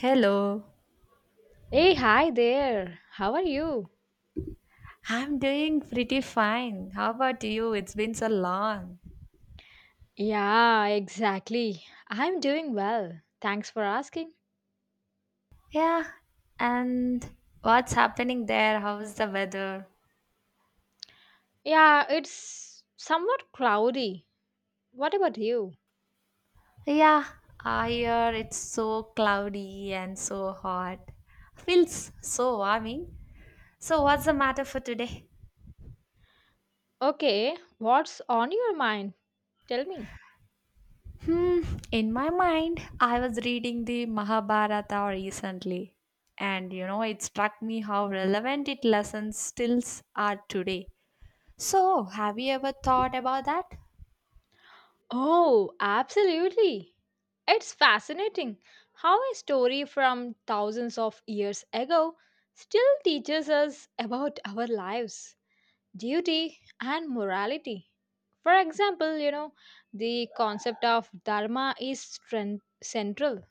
Hello. Hey, hi there. How are you? I'm doing pretty fine. How about you? It's been so long. Yeah, exactly. I'm doing well. Thanks for asking. Yeah. And what's happening there? How's the weather? Yeah, it's somewhat cloudy. What about you? Yeah. Here it's so cloudy and so hot. Feels so warming. So, what's the matter for today? Okay, what's on your mind? Tell me. Hmm. In my mind, I was reading the Mahabharata recently. And it struck me how relevant its lessons still are today. So, have you ever thought about that? Oh, absolutely. It's fascinating how a story from thousands of years ago still teaches us about our lives, duty and morality. For example, the concept of dharma is central.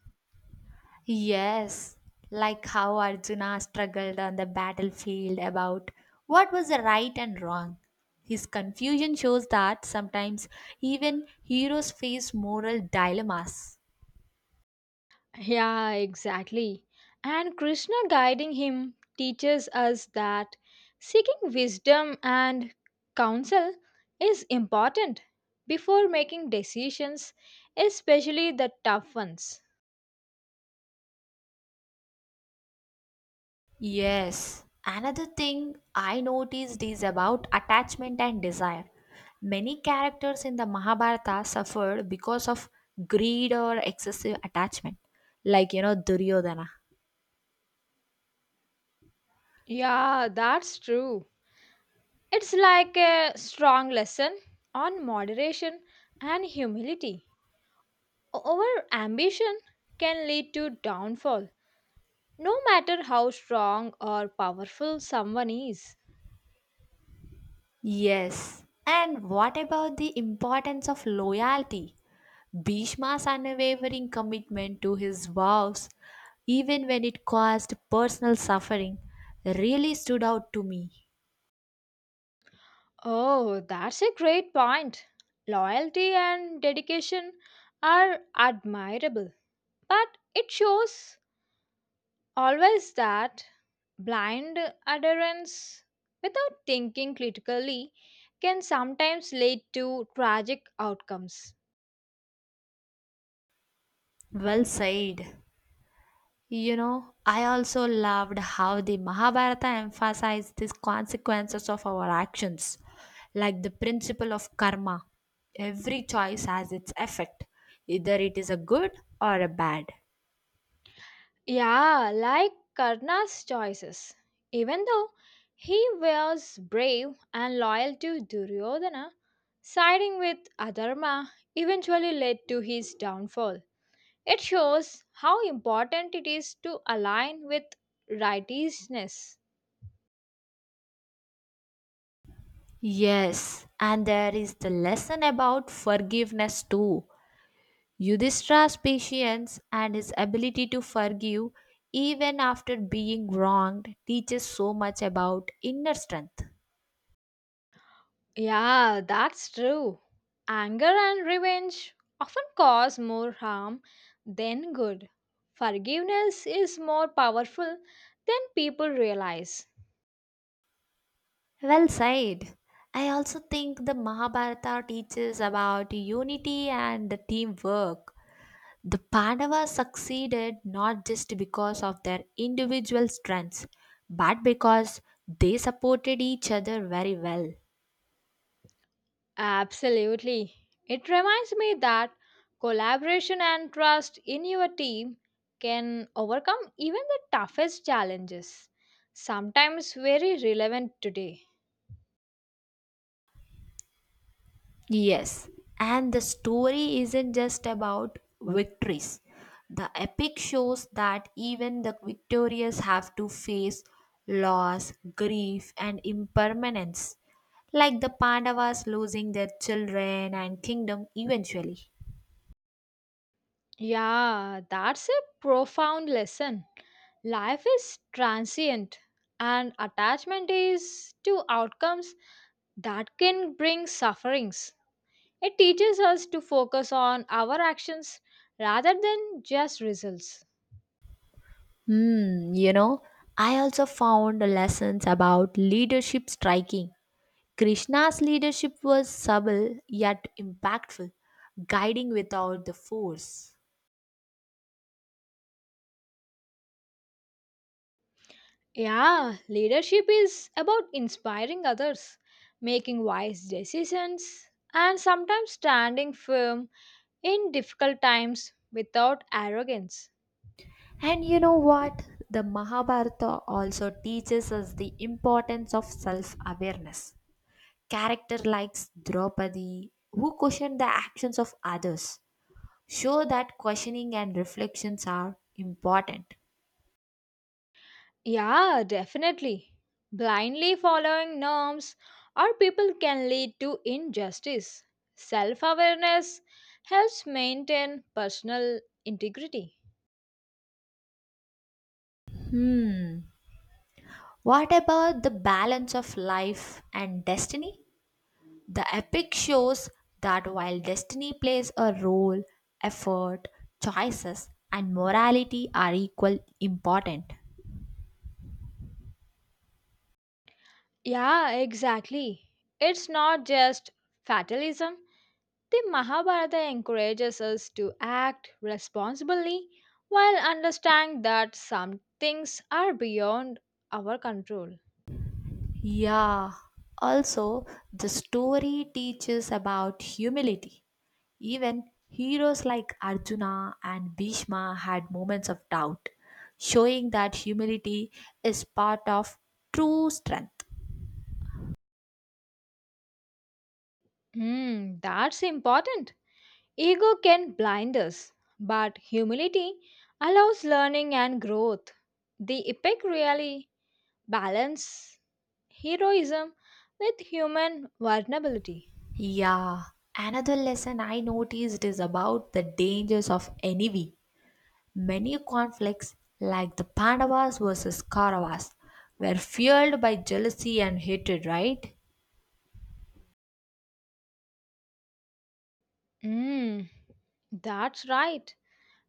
Yes, like how Arjuna struggled on the battlefield about what was the right and wrong. His confusion shows that sometimes even heroes face moral dilemmas. Yeah, exactly. And Krishna guiding him teaches us that seeking wisdom and counsel is important before making decisions, especially the tough ones. Yes, another thing I noticed is about attachment and desire. Many characters in the Mahabharata suffered because of greed or excessive attachment, like Duryodhana. Yeah, that's true. It's like a strong lesson on moderation and humility. Over ambition can lead to downfall, no matter how strong or powerful someone is. Yes. And what about the importance of loyalty? Bhishma's unwavering commitment to his vows, even when it caused personal suffering, really stood out to me. Oh, that's a great point. Loyalty and dedication are admirable, but it shows always that blind adherence without thinking critically can sometimes lead to tragic outcomes. Well said. I also loved how the Mahabharata emphasized these consequences of our actions, like the principle of karma. Every choice has its effect, either it is a good or a bad. Yeah, like Karna's choices. Even though he was brave and loyal to Duryodhana, siding with Adharma eventually led to his downfall. It shows how important it is to align with righteousness. Yes, and there is the lesson about forgiveness too. Yudhishthira's patience and his ability to forgive even after being wronged teaches so much about inner strength. Yeah, that's true. Anger and revenge often cause more harm than good. Forgiveness is more powerful than people realize. Well said. I also think the Mahabharata teaches about unity and the teamwork. The Pandavas succeeded not just because of their individual strengths, but because they supported each other very well. Absolutely. It reminds me that collaboration and trust in your team can overcome even the toughest challenges, sometimes very relevant today. Yes, and the story isn't just about victories. The epic shows that even the victorious have to face loss, grief, and impermanence, like the Pandavas losing their children and kingdom eventually. Yeah, that's a profound lesson. Life is transient, and attachment is to outcomes that can bring sufferings. It teaches us to focus on our actions rather than just results. Hmm, you know, I also found lessons about leadership striking. Krishna's leadership was subtle yet impactful, guiding without the force. Yeah, leadership is about inspiring others, making wise decisions, and sometimes standing firm in difficult times without arrogance. And you know what? The Mahabharata also teaches us the importance of self awareness. Character like Draupadi, who question the actions of others, show that questioning and reflections are important. Yeah, definitely. Blindly following norms or people can lead to injustice. Self awareness helps maintain personal integrity. Hmm. What about the balance of life and destiny? The epic shows that while destiny plays a role, effort, choices, and morality are equal important. Yeah, exactly. It's not just fatalism. The Mahabharata encourages us to act responsibly while understanding that some things are beyond our control. Yeah, also, the story teaches about humility. Even heroes like Arjuna and Bhishma had moments of doubt, showing that humility is part of true strength. Hmm, that's important. Ego can blind us, but humility allows learning and growth. The epic really balances heroism with human vulnerability. Yeah, another lesson I noticed is about the dangers of envy. Many conflicts, like the Pandavas versus Kauravas, were fueled by jealousy and hatred, right? Hmm, that's right.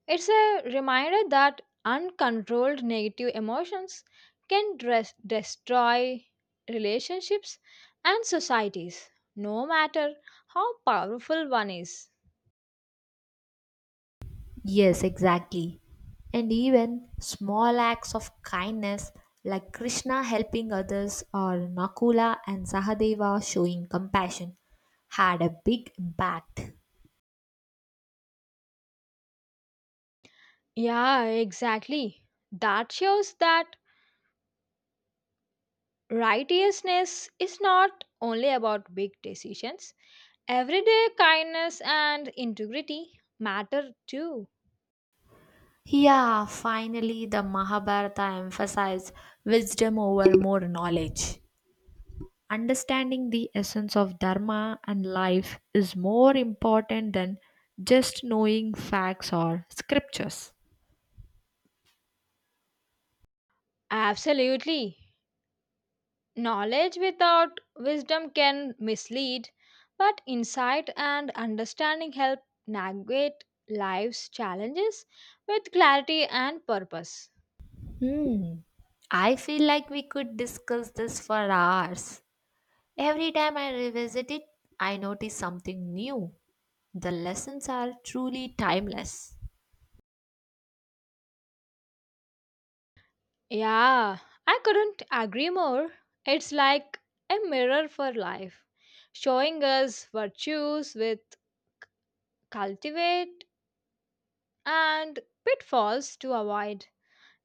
It's a reminder that uncontrolled negative emotions can dress, destroy relationships and societies, no matter how powerful one is. Yes, exactly. And even small acts of kindness like Krishna helping others or Nakula and Sahadeva showing compassion had a big impact. Yeah, exactly. That shows that righteousness is not only about big decisions, everyday kindness and integrity matter too. Yeah, finally, the Mahabharata emphasized wisdom over more knowledge. Understanding the essence of Dharma and life is more important than just knowing facts or scriptures. Absolutely. Knowledge without wisdom can mislead, but insight and understanding help navigate life's challenges with clarity and purpose. Hmm. I feel like we could discuss this for hours. Every time I revisit it, I notice something new. The lessons are truly timeless. Yeah, I couldn't agree more. It's like a mirror for life, showing us virtues with cultivate and pitfalls to avoid.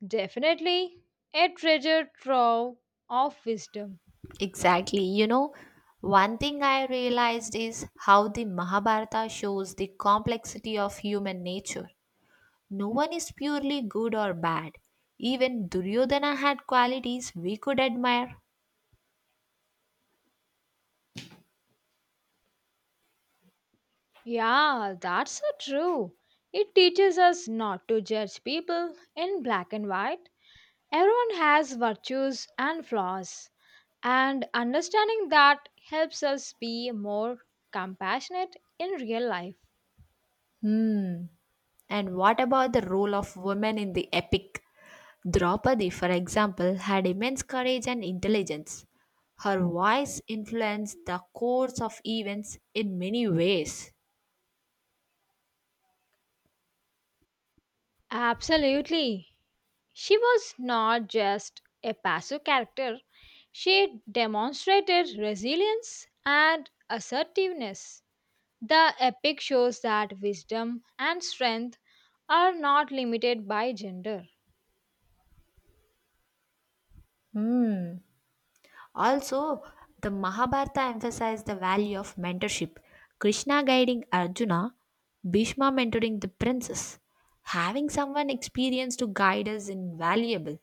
Definitely a treasure trove of wisdom. Exactly. One thing I realized is how the Mahabharata shows the complexity of human nature. No one is purely good or bad. Even Duryodhana had qualities we could admire. Yeah, that's so true. It teaches us not to judge people in black and white. Everyone has virtues and flaws, and understanding that helps us be more compassionate in real life. And what about the role of women in the epic? Draupadi, for example, had immense courage and intelligence. Her voice influenced the course of events in many ways. Absolutely. She was not just a passive character, she demonstrated resilience and assertiveness. The epic shows that wisdom and strength are not limited by gender. Also, the Mahabharata emphasized the value of mentorship. Krishna guiding Arjuna, Bhishma mentoring the princess. Having someone experienced to guide us is invaluable.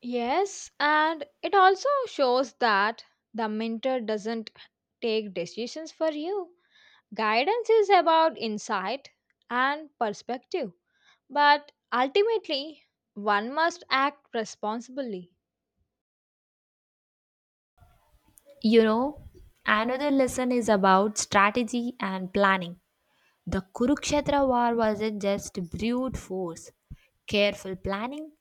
Yes, and it also shows that the mentor doesn't take decisions for you. Guidance is about insight and perspective, but ultimately, one must act responsibly. You know, another lesson is about strategy and planning. The Kurukshetra war wasn't just brute force. Careful planning,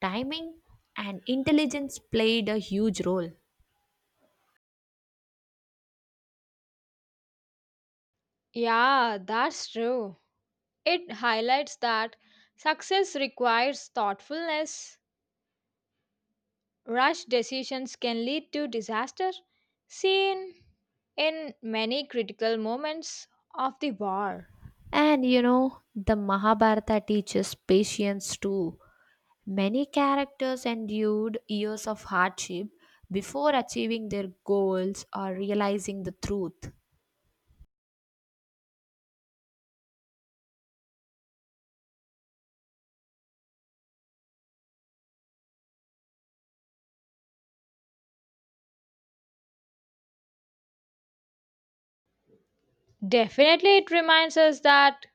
timing, and intelligence played a huge role. Yeah, that's true. It highlights that success requires thoughtfulness. Rash decisions can lead to disaster, seen in many critical moments of the war. And the Mahabharata teaches patience too. Many characters endured years of hardship before achieving their goals or realizing the truth. Definitely, it reminds us that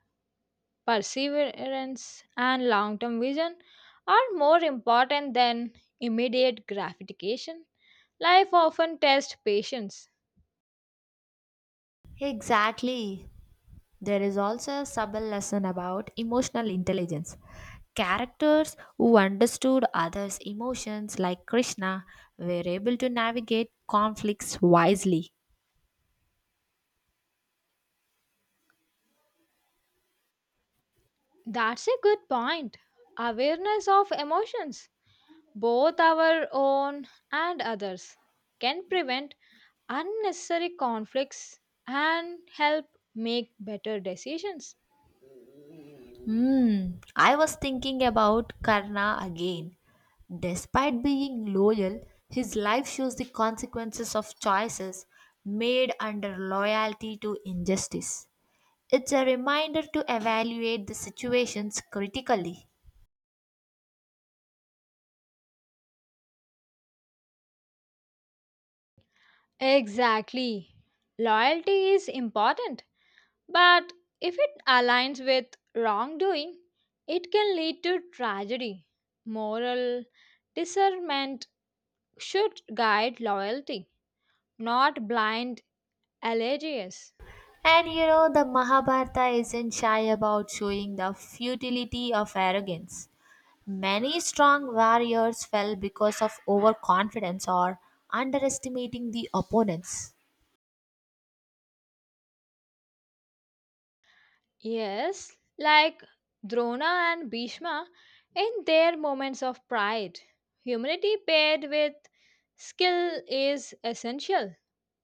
perseverance and long term vision are more important than immediate gratification. Life often tests patience. Exactly. There is also a subtle lesson about emotional intelligence. Characters who understood others' emotions, like Krishna, were able to navigate conflicts wisely. That's a good point. Awareness of emotions, both our own and others, can prevent unnecessary conflicts and help make better decisions. Hmm, I was thinking about Karna again. Despite being loyal, his life shows the consequences of choices made under loyalty to injustice. It's a reminder to evaluate the situations critically. Exactly. Loyalty is important, but if it aligns with wrongdoing, it can lead to tragedy. Moral discernment should guide loyalty, not blind allegiance. And the Mahabharata isn't shy about showing the futility of arrogance. Many strong warriors fell because of overconfidence or underestimating the opponents. Yes, like Drona and Bhishma in their moments of pride. Humility paired with skill is essential.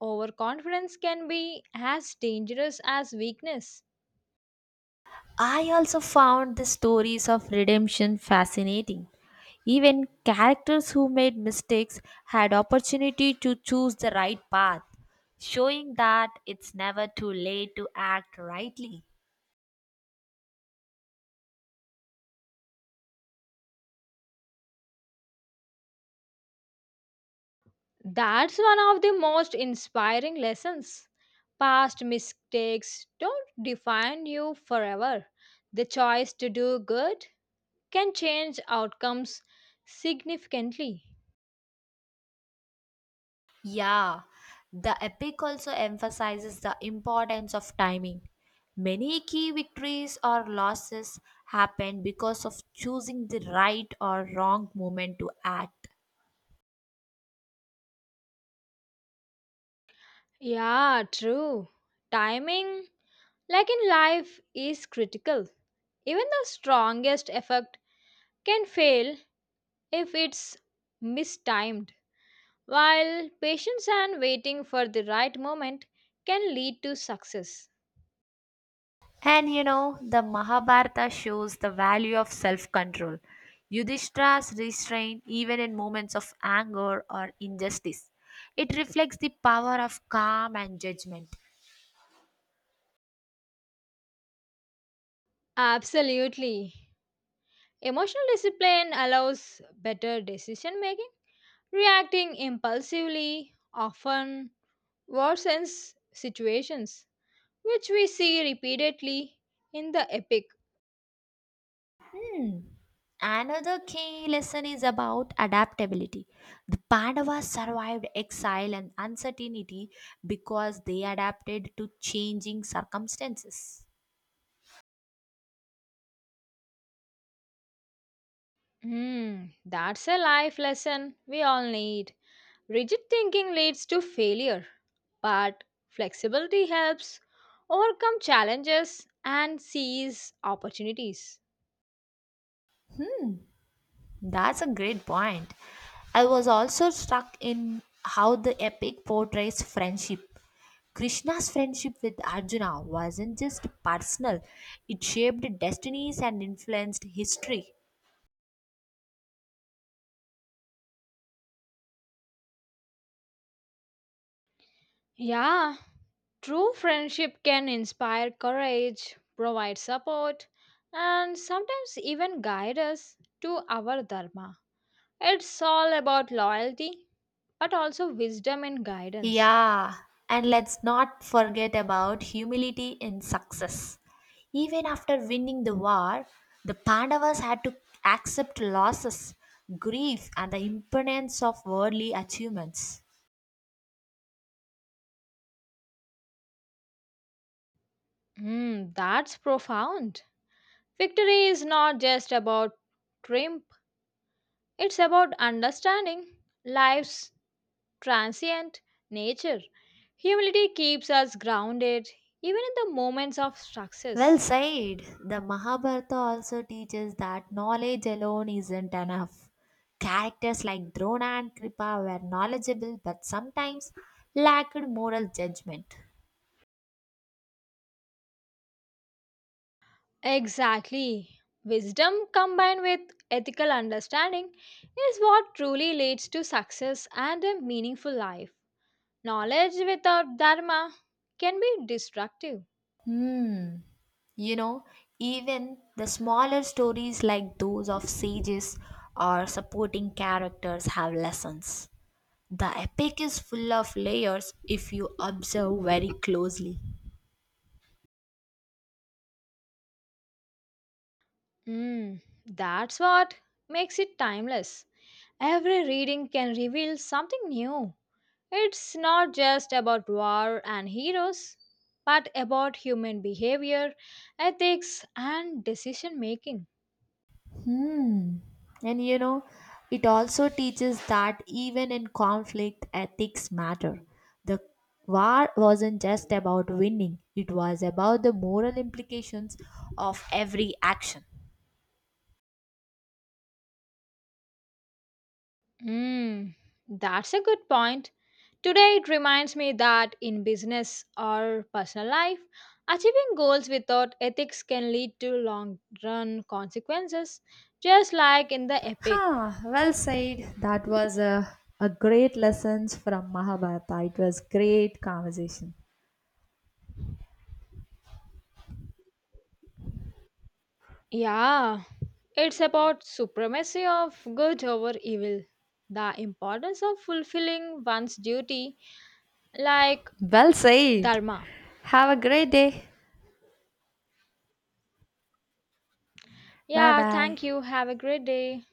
Overconfidence can be as dangerous as weakness. I also found the stories of redemption fascinating. Even characters who made mistakes had opportunity to choose the right path, showing that it's never too late to act rightly. That's one of the most inspiring lessons. Past mistakes don't define you forever. The choice to do good can change outcomes significantly. Yeah, the epic also emphasizes the importance of timing. Many key victories or losses happen because of choosing the right or wrong moment to act. Yeah, true. Timing, like in life, is critical. Even the strongest effort can fail if it's mistimed, while patience and waiting for the right moment can lead to success. And the Mahabharata shows the value of self control. Yudhishthira's restraint, even in moments of anger or injustice, it reflects the power of calm and judgment. Absolutely. Emotional discipline allows better decision making. Reacting impulsively often worsens situations, which we see repeatedly in the epic. Hmm. Another key lesson is about adaptability. The Pandavas survived exile and uncertainty because they adapted to changing circumstances. Hmm, that's a life lesson we all need. Rigid thinking leads to failure, but flexibility helps overcome challenges and seize opportunities. That's a great point. I was also struck in how the epic portrays friendship. Krishna's friendship with Arjuna wasn't just personal, it shaped destinies and influenced history. Yeah, true friendship can inspire courage, provide support, and sometimes even guide us to our dharma. It's all about loyalty, but also wisdom and guidance. Yeah, and let's not forget about humility in success. Even after winning the war, the Pandavas had to accept losses, grief, and the impermanence of worldly achievements. Hmm, that's profound. Victory is not just about triumph, it's about understanding life's transient nature. Humility keeps us grounded even in the moments of Well success. said. The Mahabharata also teaches that knowledge alone isn't enough. Characters like Drona and Kripa were knowledgeable but sometimes lacked moral judgment. Exactly. Wisdom combined with ethical understanding is what truly leads to success and a meaningful life. Knowledge without dharma can be destructive. Hmm. You know, even the smaller stories like those of sages or supporting characters have lessons. The epic is full of layers if you observe very closely. Mm, that's what makes it timeless. Every reading can reveal something new. It's not just about war and heroes, but about human behavior, ethics, and decision making. Hmm. And it also teaches that even in conflict, ethics matter. The war wasn't just about winning, it was about the moral implications of every action. Mm, that's a good point. Today, it reminds me that in business or personal life, achieving goals without ethics can lead to long run consequences, just like in the epic. Huh, well said. That was a great lessons from Mahabharata. It was great conversation. Yeah, it's about supremacy of good over evil, the importance of fulfilling one's duty like Well said. dharma. Have a great day. Bye Yeah, bye. thank you. Have a great day.